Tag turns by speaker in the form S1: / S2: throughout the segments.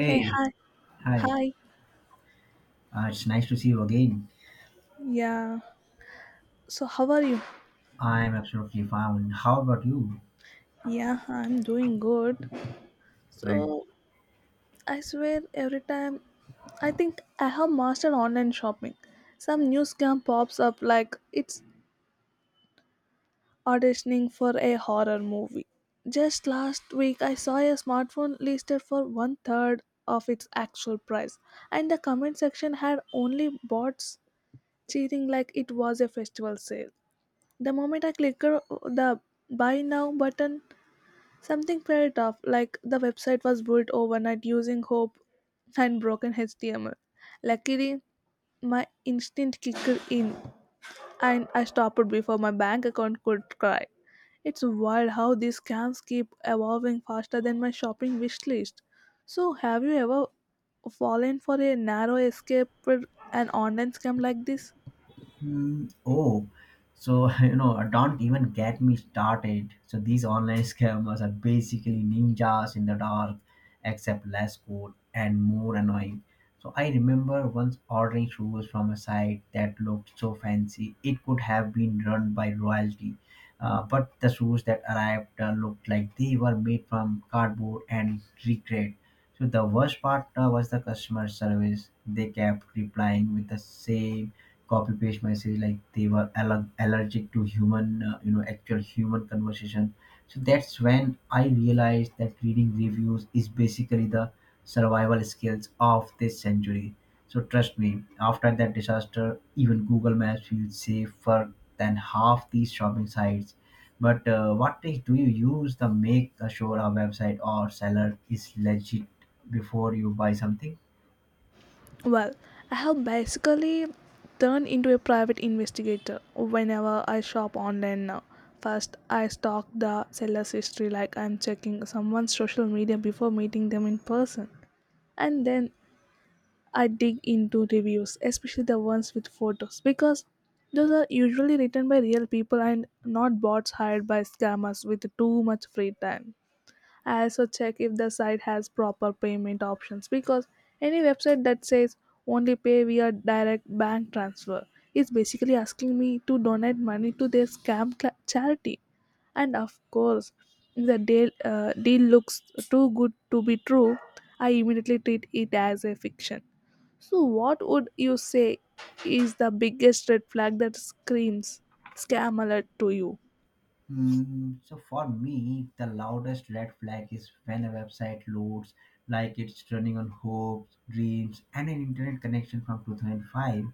S1: Hey, hi.
S2: hi.
S1: Hi.
S2: It's nice to see you again.
S1: Yeah. So, how are you?
S2: I'm absolutely fine. How about you?
S1: Yeah, I'm doing good.
S2: Right.
S1: So, I swear every time I think I have mastered online shopping. Some new scam pops up like it's auditioning for a horror movie. Just last week, I saw a smartphone listed for one third of its actual price, and the comment section had only bots cheating like it was a festival sale. The moment I clicked the buy now button, something felt off, like the website was built overnight using hope and broken HTML. Luckily, my instinct kicked in and I stopped before my bank account could cry. It's wild how these scams keep evolving faster than my shopping wish list. So, have you ever fallen for a narrow escape with an online scam like this?
S2: Mm, oh, so don't even get me started. So these online scammers are basically ninjas in the dark, except less cool and more annoying. So I remember once ordering shoes from a site that looked so fancy it could have been run by royalty, but the shoes that arrived looked like they were made from cardboard and regret. So the worst part was the customer service. They kept replying with the same copy paste message like they were allergic to human, actual human conversation. So that's when I realized that reading reviews is basically the survival skills of this century. So trust me, after that disaster, even Google Maps feels safer than half these shopping sites. But what tech do you use to make sure a website or seller is legit before you buy something?
S1: Well, I have basically turned into a private investigator whenever I shop online now. First, I stalk the seller's history like I'm checking someone's social media before meeting them in person. And then I dig into reviews, especially the ones with photos, because those are usually written by real people and not bots hired by scammers with too much free time. I also check if the site has proper payment options because any website that says only pay via direct bank transfer is basically asking me to donate money to their scam cla charity. And of course, if the deal looks too good to be true, I immediately treat it as a fiction. So, what would you say is the biggest red flag that screams scam alert to you?
S2: Mm, so for me, the loudest red flag is when a website loads like it's running on hopes, dreams, and an internet connection from 2005.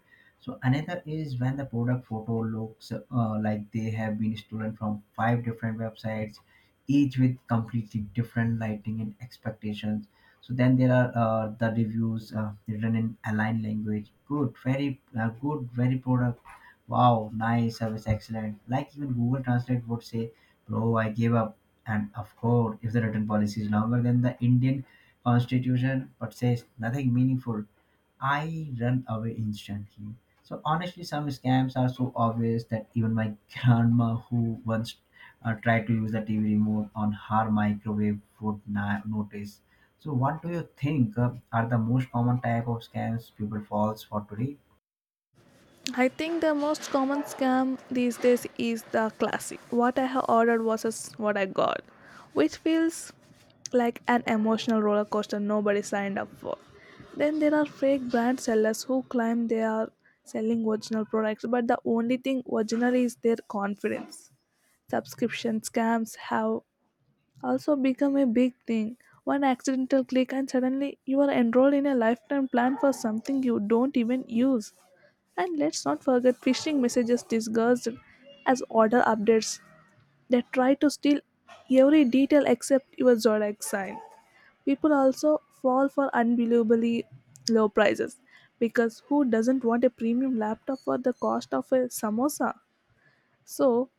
S2: So another is when the product photo looks like they have been stolen from five different websites, each with completely different lighting and expectations. So then there are the reviews written in aligned language. Good, very product. Wow, nice service, excellent. Like even Google Translate would say, "Bro, I gave up." And of course, if the written policy is longer than the Indian Constitution, but says nothing meaningful, I run away instantly. So honestly, some scams are so obvious that even my grandma, who once tried to use the TV remote on her microwave, would not notice. So, what do you think are the most common type of scams people falls for today?
S1: I think the most common scam these days is the classic. What I have ordered versus what I got, which feels like an emotional roller coaster nobody signed up for. Then there are fake brand sellers who claim they are selling original products, but the only thing original is their confidence. Subscription scams have also become a big thing. One accidental click, and suddenly you are enrolled in a lifetime plan for something you don't even use. And let's not forget phishing messages disguised as order updates that try to steal every detail except your zodiac sign. People also fall for unbelievably low prices because who doesn't want a premium laptop for the cost of a samosa? So,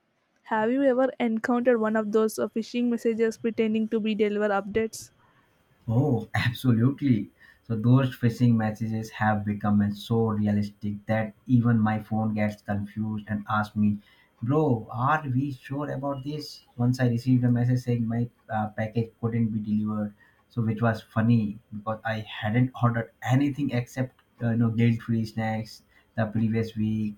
S1: have you ever encountered one of those phishing messages pretending to be deliver updates?
S2: Oh, absolutely. So those phishing messages have become so realistic that even my phone gets confused and asks me, "Bro, are we sure about this?" Once I received a message saying my package couldn't be delivered, so which was funny because I hadn't ordered anything except guilt-free snacks the previous week.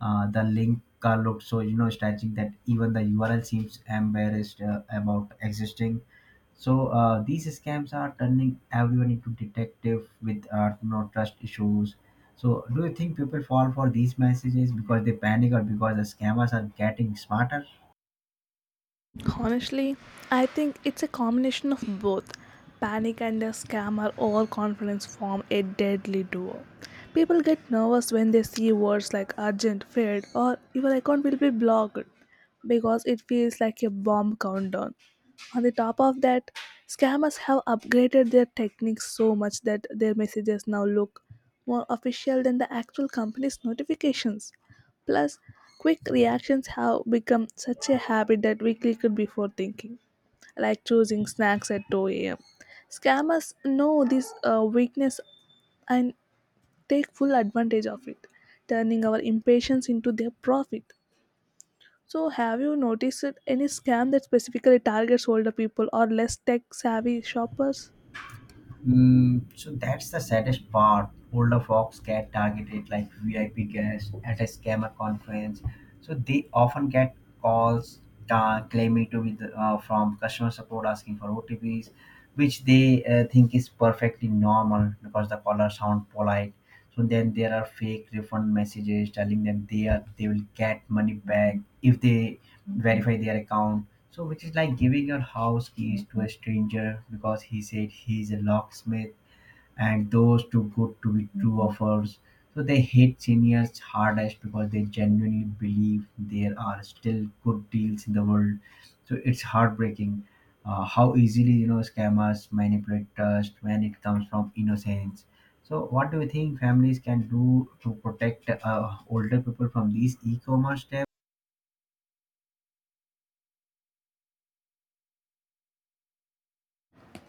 S2: The link looked so strategic that even the URL seems embarrassed about existing. So these scams are turning everyone into detective with no trust issues. So do you think people fall for these messages because they panic or because the scammers are getting smarter?
S1: Honestly, I think it's a combination of both. Panic and a scam or overconfidence form a deadly duo. People get nervous when they see words like urgent, failed, or your account will be blocked because it feels like a bomb countdown. On the top of that, scammers have upgraded their techniques so much that their messages now look more official than the actual company's notifications. Plus, quick reactions have become such a habit that we click it before thinking, like choosing snacks at 2 a.m. Scammers know this weakness and take full advantage of it, turning our impatience into their profit. So, have you noticed any scam that specifically targets older people or less tech savvy shoppers?
S2: Mm, so that's the saddest part. Older folks get targeted like VIP guests at a scammer conference. So they often get calls claiming to be from customer support asking for OTPs, which they think is perfectly normal because the caller sound polite. So then there are fake refund messages telling them they will get money back if they verify their account. So, which is like giving your house keys to a stranger because he said he's a locksmith, and those too good to be true offers. So, they hit seniors hardest because they genuinely believe there are still good deals in the world. So, it's heartbreaking how easily scammers manipulate trust when it comes from innocence. So, what do you think families can do to protect older people from these e commerce?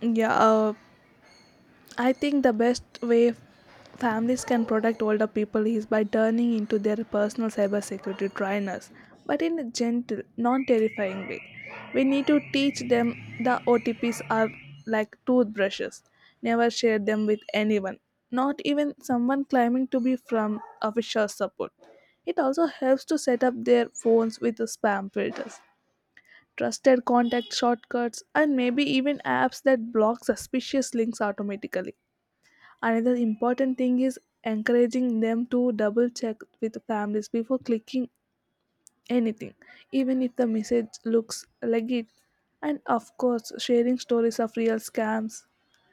S1: Yeah, uh, I think the best way families can protect older people is by turning into their personal cybersecurity trainers, but in a gentle, non terrifying way. We need to teach them the OTPs are like toothbrushes. Never share them with anyone, not even someone claiming to be from official support. It also helps to set up their phones with spam filters, trusted contact shortcuts, and maybe even apps that block suspicious links automatically. Another important thing is encouraging them to double check with families before clicking anything, even if the message looks legit. And of course, sharing stories of real scams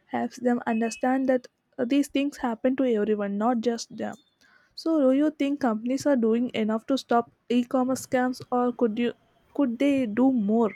S1: helps them understand that these things happen to everyone, not just them. So, do you think companies are doing enough to stop e-commerce scams, or could they do more?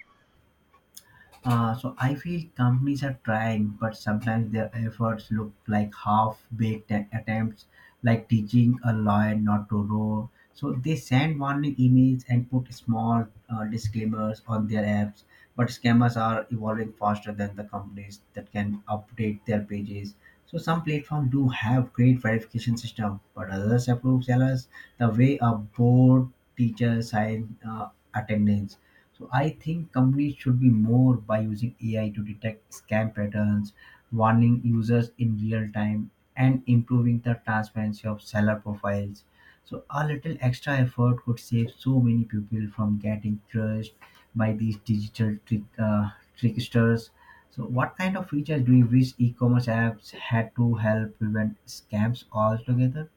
S2: So I feel companies are trying, but sometimes their efforts look like attempts, like teaching a lion not to roar. So they send warning emails and put small disclaimers on their apps. But scammers are evolving faster than the companies that can update their pages. So some platforms do have great verification system, but others approve sellers the way a board teacher sign attendance. So I think companies should be more by using AI to detect scam patterns, warning users in real time, and improving the transparency of seller profiles. So a little extra effort could save so many people from getting crushed by these tricksters. So what kind of features do you wish e-commerce apps had to help prevent scams altogether?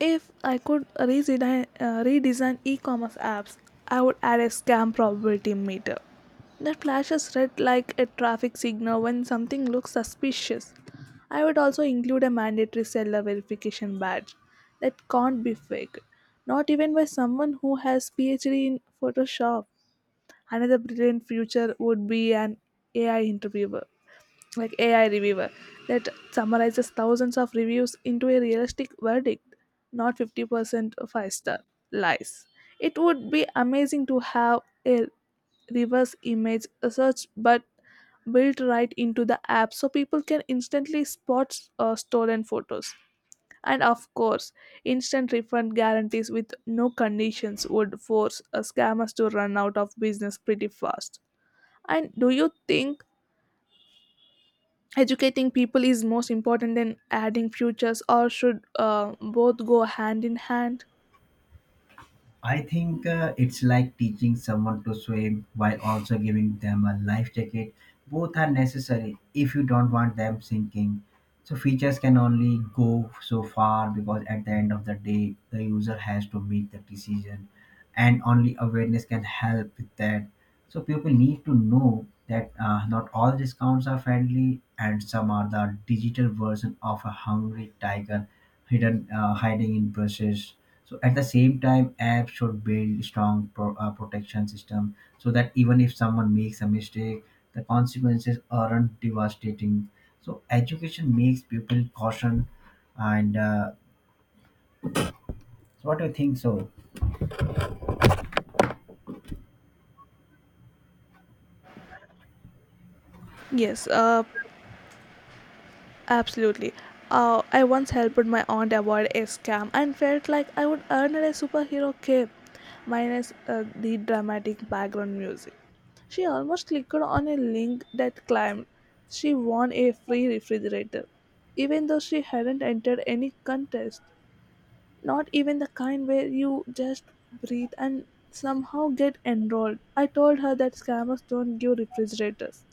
S1: If I could redesign e-commerce apps, I would add a scam probability meter that flashes red like a traffic signal when something looks suspicious. I would also include a mandatory seller verification badge that can't be faked, not even by someone who has PhD in Photoshop. Another brilliant future would be an AI interviewer like AI reviewer that summarizes thousands of reviews into a realistic verdict, not 50% five-star lies. It would be amazing to have a reverse image search but built right into the app so people can instantly spot stolen photos. And of course, instant refund guarantees with no conditions would force scammers to run out of business pretty fast. And do you think educating people is most important than adding futures or should both go hand in hand?
S2: I think it's like teaching someone to swim while also giving them a life jacket. Both are necessary if you don't want them sinking. So features can only go so far because at the end of the day, the user has to make the decision, and only awareness can help with that. So people need to know that not all discounts are friendly, and some are the digital version of a hungry tiger hidden hiding in bushes. So at the same time, apps should build protection system so that even if someone makes a mistake, the consequences aren't devastating. So education makes people caution. And so what do you think? So
S1: yes uh, Absolutely. I once helped my aunt avoid a scam and felt like I would earn her a superhero cape, minus the dramatic background music. She almost clicked on a link that claimed she won a free refrigerator, even though she hadn't entered any contest, not even the kind where you just breathe and somehow get enrolled. I told her that scammers don't give refrigerators.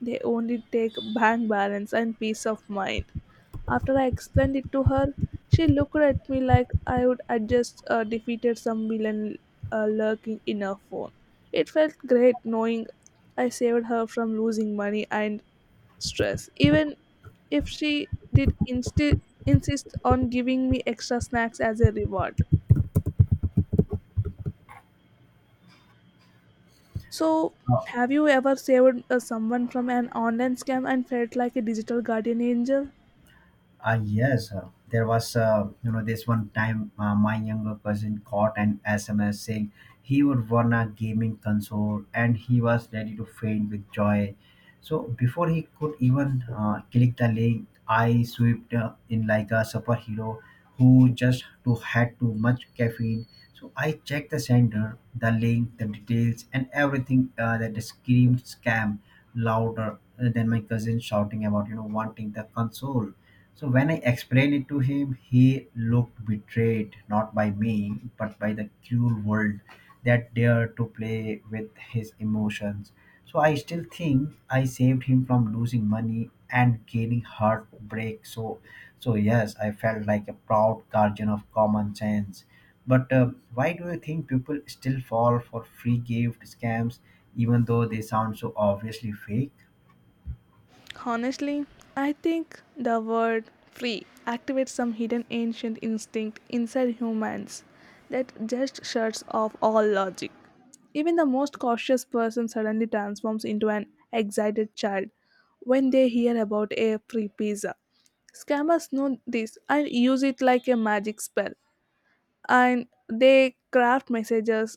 S1: They only take bank balance and peace of mind. After I explained it to her, she looked at me like I would had just defeated some villain lurking in her phone. It felt great knowing I saved her from losing money and stress, even if she did insist on giving me extra snacks as a reward. So,
S2: uh,
S1: have you ever saved someone from an online scam and felt like a digital guardian angel?
S2: ah yes, there was this one time my younger cousin caught an SMS saying he would won a gaming console and he was ready to faint with joy. So before he could even click the link, I swept in like a superhero who just too had too much caffeine. So I checked the sender, the link, the details, and everything that screamed scam louder than my cousin shouting about wanting the console. So when I explained it to him, he looked betrayed, not by me, but by the cruel world that dared to play with his emotions. So I still think I saved him from losing money and gaining heartbreak. So yes, I felt like a proud guardian of common sense. But why do you think people still fall for free gift scams, even though they sound so obviously fake?
S1: Honestly, I think the word free activates some hidden ancient instinct inside humans that just shuts off all logic. Even the most cautious person suddenly transforms into an excited child when they hear about a free pizza. Scammers know this and use it like a magic spell, and they craft messages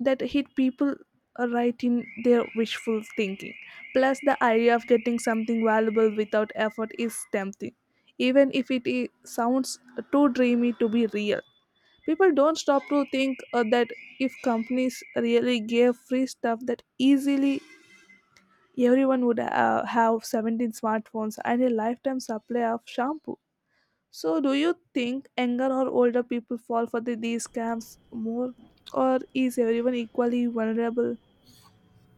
S1: that hit people right in their wishful thinking. Plus, the idea of getting something valuable without effort is tempting, even if sounds too dreamy to be real. People don't stop to think that if companies really gave free stuff that easily, everyone would have 17 smartphones and a lifetime supply of shampoo. So, do you think younger or older people fall for these scams more, or is everyone equally vulnerable?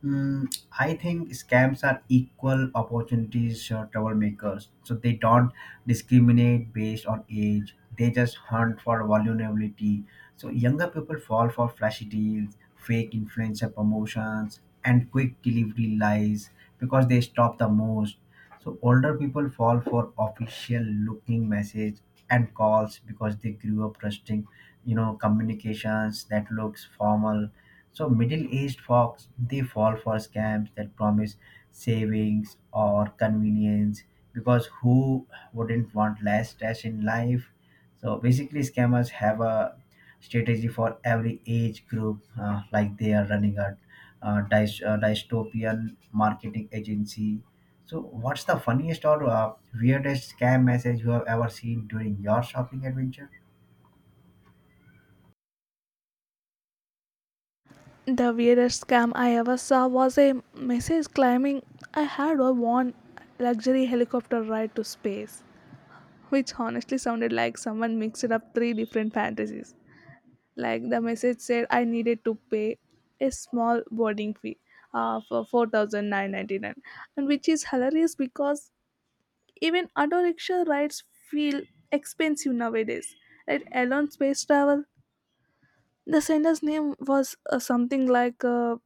S2: Mm, I think scams are equal opportunities troublemakers. So they don't discriminate based on age. They just hunt for vulnerability. So younger people fall for flashy deals, fake influencer promotions, and quick delivery lies because they stop the most. So older people fall for official looking message and calls because they grew up trusting, communications that looks formal. So Middle East folks they fall for scams that promise savings or convenience because who wouldn't want less stress in life? So basically, scammers have a strategy for every age group, like they are running a dystopian marketing agency. So, what's the funniest or weirdest scam message you have ever seen during your shopping adventure?
S1: The weirdest scam I ever saw was a message claiming I had a one luxury helicopter ride to space, which honestly sounded like someone mixed up three different fantasies. Like the message said, I needed to pay a small boarding fee for 4999, and which is hilarious because even auto rickshaw rides feel expensive nowadays. Right? Elon Space Travel, the sender's name was something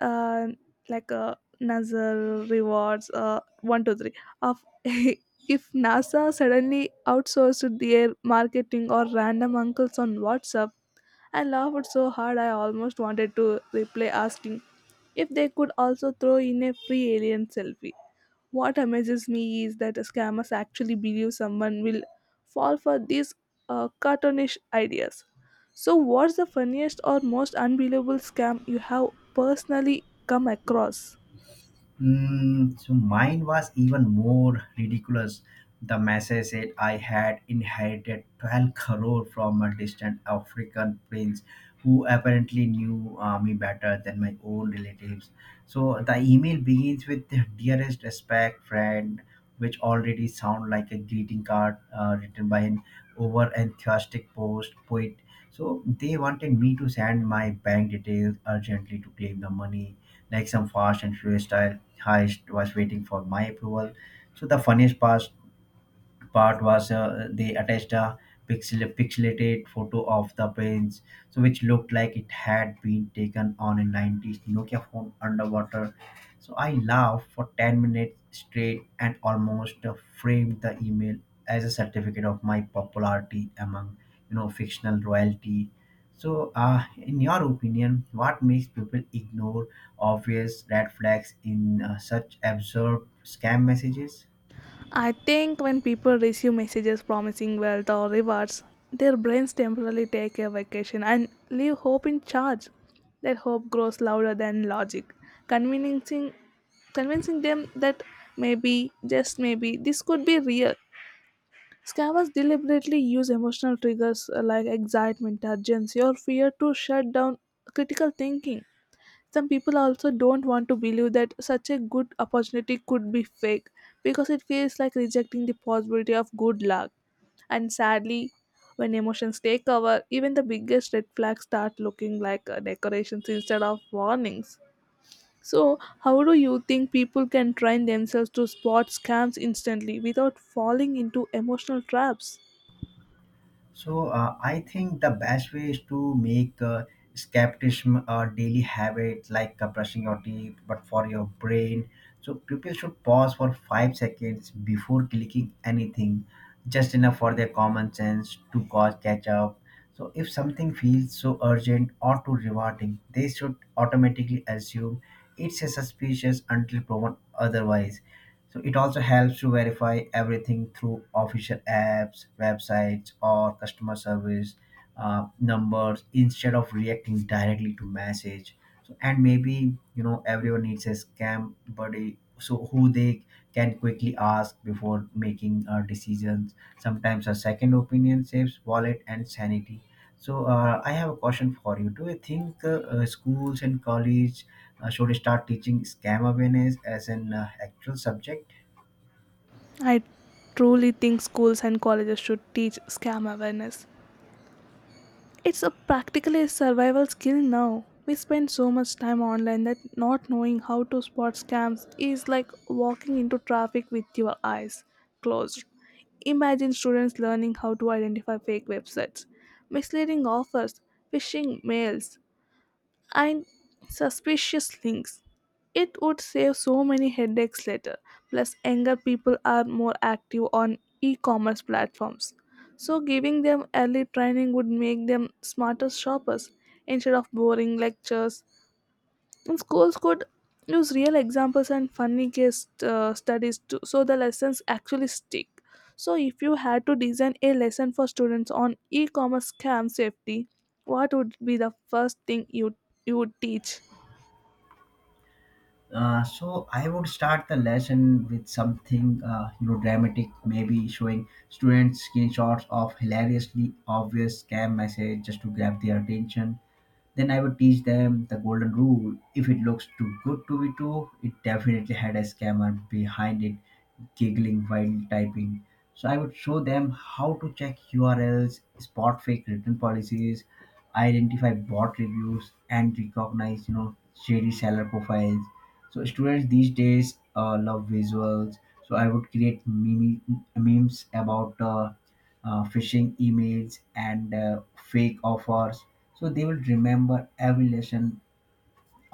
S1: uh, like NASA rewards 1 2 3. Of if NASA suddenly outsourced their marketing or random uncles on WhatsApp, I laughed so hard I almost wanted to reply asking if they could also throw in a free alien selfie. What amazes me is that scammers actually believe someone will fall for these cartoonish ideas. So, what's the funniest or most unbelievable scam you have personally come across?
S2: Mm, so mine was even more ridiculous. The message said I had inherited 12 crore from a distant African prince who apparently knew me better than my own relatives. So the email begins with dearest respect friend, which already sound like a greeting card written by an over enthusiastic post poet. So they wanted me to send my bank details urgently to claim the money like some fast and furious style I was waiting for my approval. So the funniest part part was they attached a pixelated photo of the prince, so which looked like it had been taken on a 90s Nokia phone underwater. So I laughed for 10 minutes straight and almost framed the email as a certificate of my popularity among fictional royalty. So, in your opinion, what makes people ignore obvious red flags in such absurd scam messages?
S1: I think when people receive messages promising wealth or rewards, their brains temporarily take a vacation and leave hope in charge. Their hope grows louder than logic, convincing, convincing them that maybe, just maybe, this could be real. Scammers deliberately use emotional triggers like excitement, urgency, or fear to shut down critical thinking. Some people also don't want to believe that such a good opportunity could be fake because it feels like rejecting the possibility of good luck. And sadly, when emotions take over, even the biggest red flags start looking like decorations instead of warnings. So, how do you think people can train themselves to spot scams instantly without falling into emotional traps?
S2: So I think the best way is to make skepticism a daily habit, like brushing your teeth, but for your brain. So people should pause for 5 seconds before clicking anything, just enough for their common sense to cause catch up. So if something feels so urgent or too rewarding, they should automatically assume it's a suspicious until proven otherwise. So it also helps to verify everything through official apps, websites, or customer service numbers instead of reacting directly to message. So, and maybe everyone needs a scam buddy, so who they can quickly ask before making a decision. Sometimes a second opinion saves wallet and sanity. So I have a question for you. Do you think schools and college should start teaching scam awareness as an actual subject?
S1: I truly think schools and colleges should teach scam awareness. It's a practically a survival skill now. We spend so much time online that not knowing how to spot scams is like walking into traffic with your eyes closed. Imagine students learning how to identify fake websites, misleading offers, phishing mails, and suspicious links. It would save so many headaches later. Plus, younger people are more active on e commerce platforms. So, giving them early training would make them smarter shoppers instead of boring lectures, and schools could use real examples and funny case studies to, so the lessons actually stick. So, if you had to design a lesson for students on e commerce scam safety, what would be the first thing you would teach?
S2: So I would start the lesson with something dramatic, maybe showing students screenshots of hilariously obvious scam message just to grab their attention. Then I would teach them the golden rule: if it looks too good to be true, it definitely had a scammer behind it, giggling while typing. So I would show them how to check URLs, spot fake return policies, identify bot reviews, and recognize shady seller profiles. So students these days love visuals. So I would create memes about phishing emails and fake offers. So they will remember every lesson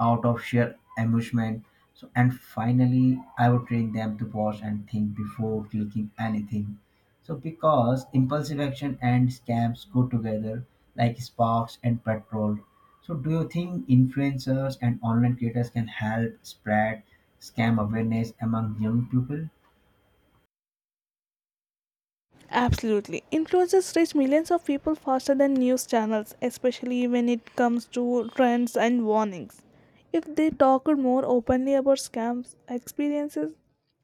S2: out of sheer amusement. So, and finally, I would train them to pause and think before clicking anything. So, because impulsive action and scams go together like sparks and petrol. So, do you think influencers and online creators can help spread scam awareness among young people?
S1: Absolutely. Influencers reach millions of people faster than news channels, especially when it comes to trends and warnings. If they talked more openly about scams, experiences,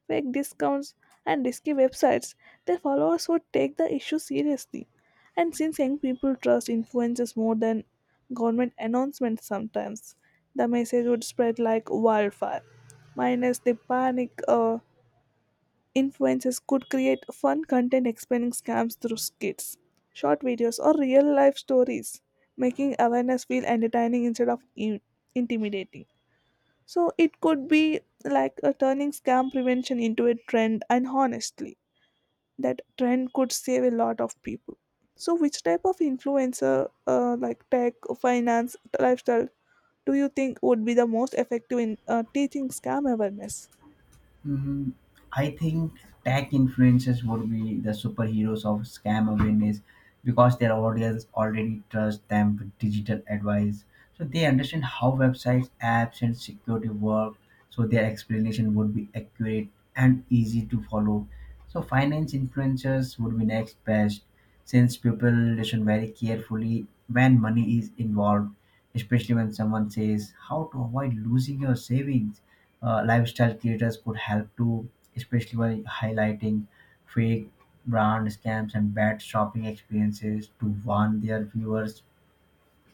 S1: fake discounts, and risky websites, their followers would take the issue seriously. And since young people trust influencers more than government announcements sometimes, the message would spread like wildfire. Minus the panic influencers could create fun content explaining scams through skits, short videos, or real life stories, making awareness feel entertaining instead of intimidating. So it could be like a turning scam prevention into a trend, and honestly, that trend could save a lot of people. So, which type of influencer, like tech, finance, lifestyle, do you think would be the most effective in teaching scam awareness?
S2: Mm, I think tech influencers would be the superheroes of scam awareness because their audience already trusts them with digital advice. So they understand how websites, apps, and security work. So their explanation would be accurate and easy to follow. So finance influencers would be next best, since people listen very carefully when money is involved, especially when someone says how to avoid losing your savings. Lifestyle creators could help too, especially by highlighting fake brand scams and bad shopping experiences to warn their viewers.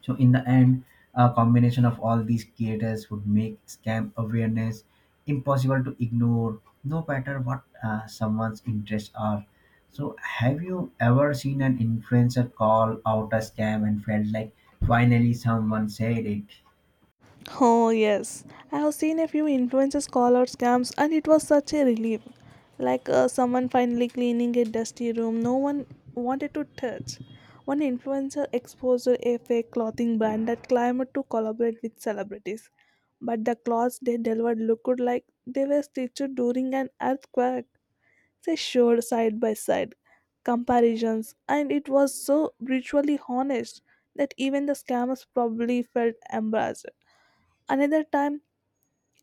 S2: So, in the end, a combination of all these creators would make scam awareness impossible to ignore, no matter what someone's interests are. So, have you ever seen an influencer call out a scam and felt like finally someone said it?
S1: Oh, yes. I have seen a few influencers call out scams, and it was such a relief. Like someone finally cleaning a dusty room no one wanted to touch. One influencer exposed a fake clothing brand that claimed to collaborate with celebrities. But the clothes they delivered looked like they were stitched during an earthquake. They showed side by side comparisons, and it was so brutally honest that even the scammers probably felt embarrassed. Another time,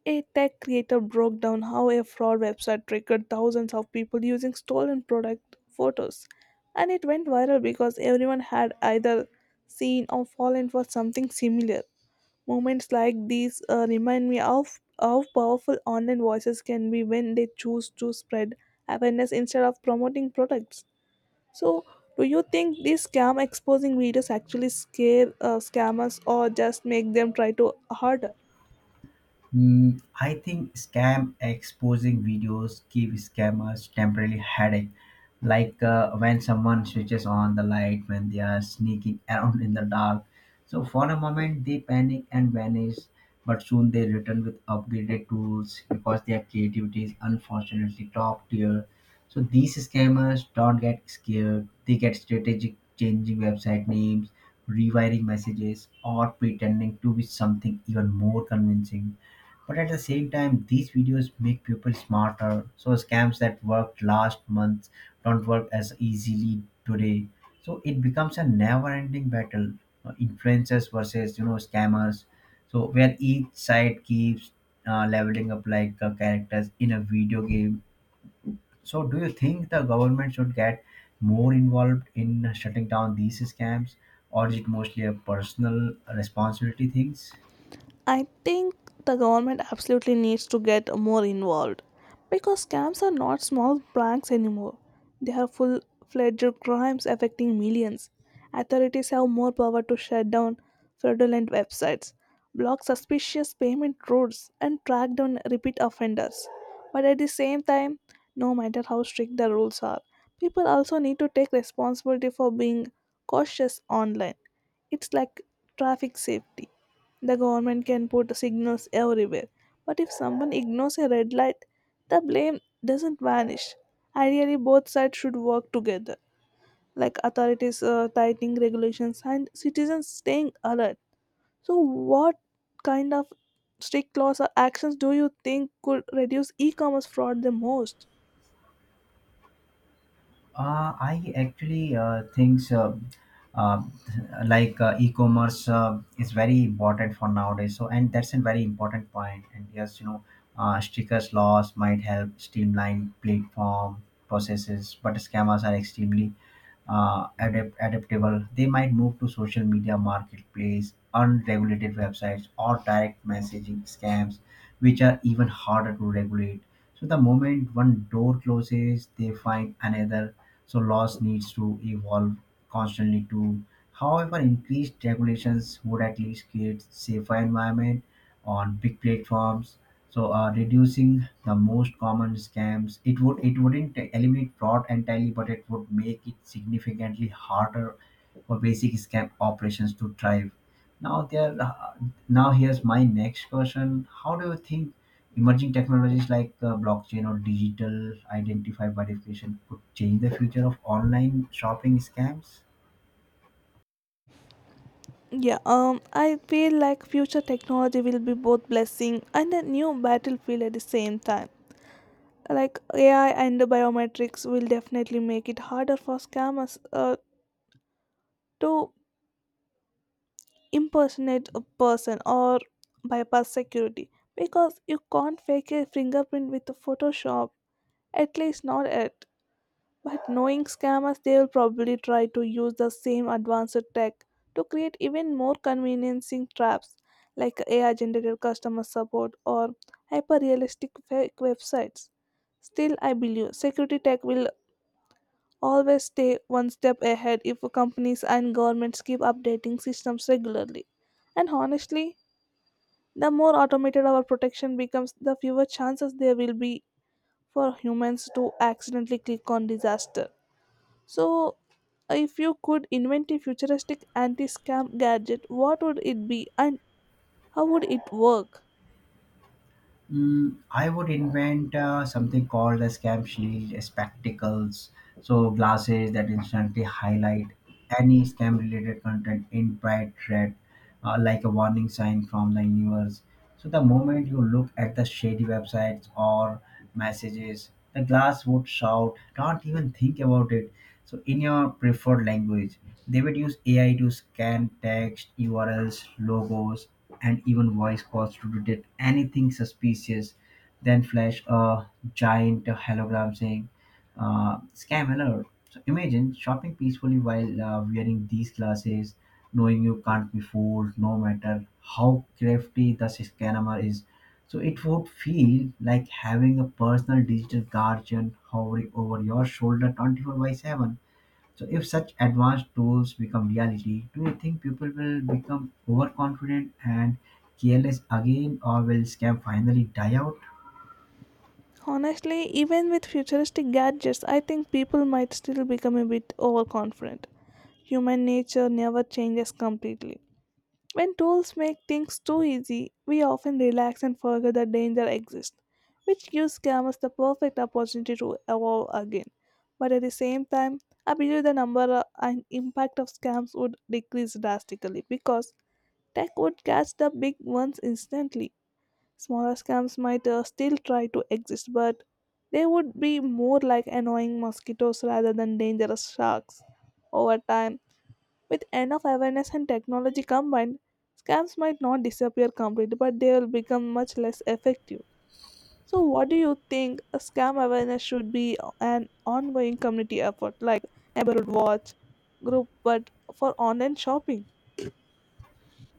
S1: a tech creator broke down how a fraud website triggered thousands of people using stolen product photos, and it went viral because everyone had either seen or fallen for something similar. Moments like these remind me of how powerful online voices can be when they choose to spread awareness instead of promoting products. So, do you think these scam exposing videos actually scare scammers or just make them try to harder?
S2: Mm, I think scam exposing videos give scammers temporary headache, like when someone switches on the light when they are sneaking around in the dark. So for a moment they panic and vanish, but soon they return with upgraded tools because their creativity is unfortunately top tier. So these scammers don't get scared; they get strategic, changing website names, rewiring messages, or pretending to be something even more convincing. But at the same time, these videos make people smarter. So scams that worked last month don't work as easily today. So it becomes a never-ending battle, influencers versus you know scammers. So where each side keeps leveling up like characters in a video game. So do you think the government should get more involved in shutting down these scams, or is it mostly a personal responsibility things?
S1: I think the government absolutely needs to get more involved because scams are not small pranks anymore. They are full fledged crimes affecting millions. Authorities have more power to shut down fraudulent websites, block suspicious payment routes, and track down repeat offenders. But at the same time, no matter how strict the rules are, people also need to take responsibility for being cautious online. It's like traffic safety, the government can put signals everywhere, but if someone ignores a red light, the blame doesn't vanish. Ideally, both sides should work together, like authorities tightening regulations and citizens staying alert. So, what kind of strict laws or actions do you think could reduce e-commerce fraud the most?
S2: I actually think uh, e-commerce is very important for nowadays. So, and that's a very important point. And yes, you know, stickers laws might help streamline platform processes, but scammers are extremely adaptable. They might move to social media marketplace, unregulated websites, or direct messaging scams, which are even harder to regulate. So the moment one door closes, they find another. So laws needs to evolve constantly too. However, increased regulations would at least create safer environment on big platforms. So reducing the most common scams, it wouldn't eliminate fraud entirely, but it would make it significantly harder for basic scam operations to thrive. Now there, uh, now here's my next question. How do you think emerging technologies like blockchain or digital identity verification could change the future of online shopping scams?
S1: Yeah, I feel like future technology will be both blessing and a new battlefield at the same time. Like AI and the biometrics will definitely make it harder for scammers to impersonate a person or bypass security because you can't fake a fingerprint with Photoshop, at least not yet. But knowing scammers, they will probably try to use the same advanced tech to create even more conveniencing traps like AI generated customer support or hyper realistic fake websites. Still, I believe security tech will always stay one step ahead if companies and governments keep updating systems regularly. And honestly, the more automated our protection becomes, the fewer chances there will be for humans to accidentally click on disaster. So, if you could invent a futuristic anti scam gadget, what would it be and how would it work?
S2: Mm, I would invent something called a scam shield, spectacles, so glasses that instantly highlight any scam related content in bright red, like a warning sign from the universe. So the moment you look at the shady websites or messages, the glass would shout, "Don't even think about it." So, in your preferred language, they would use AI to scan text, URLs, logos, and even voice calls to detect anything suspicious, then flash a giant hologram saying, scam alert. So imagine shopping peacefully while wearing these glasses, knowing you can't be fooled no matter how crafty the scammer is. So it would feel like having a personal digital guardian hovering over your shoulder 24 by 7. So, if such advanced tools become reality, do you think people will become overconfident and careless again, or will scam finally die out?
S1: Honestly, even with futuristic gadgets, I think people might still become a bit overconfident. Human nature never changes completely. When tools make things too easy, we often relax and forget that danger exists, which gives scammers the perfect opportunity to evolve again. But at the same time, I believe the number and impact of scams would decrease drastically because tech would catch the big ones instantly. Smaller scams might still try to exist, but they would be more like annoying mosquitoes rather than dangerous sharks. Over time, with enough awareness and technology combined, scams might not disappear completely, but they will become much less effective. So, what do you think a scam awareness should be an ongoing community effort like neighborhood watch group, but for online shopping?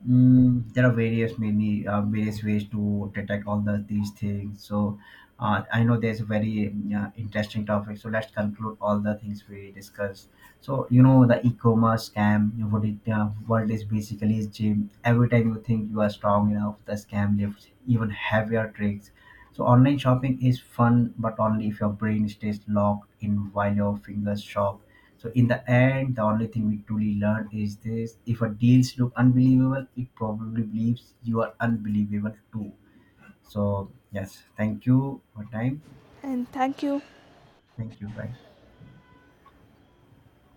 S2: There are various ways to detect all the these things. So I know there's a very interesting topic. So let's conclude all the things we discussed. So you know the e-commerce scam. You know, what it world is basically is gym. Every time you think you are strong enough, the scam lifts even heavier tricks. So online shopping is fun, but only if your brain stays locked in while your fingers shop. So in the end, the only thing we truly learn is this: if a deals look unbelievable, it probably believes you are unbelievable too. So yes, thank you for time.
S1: And thank you.
S2: Thank you. Bye.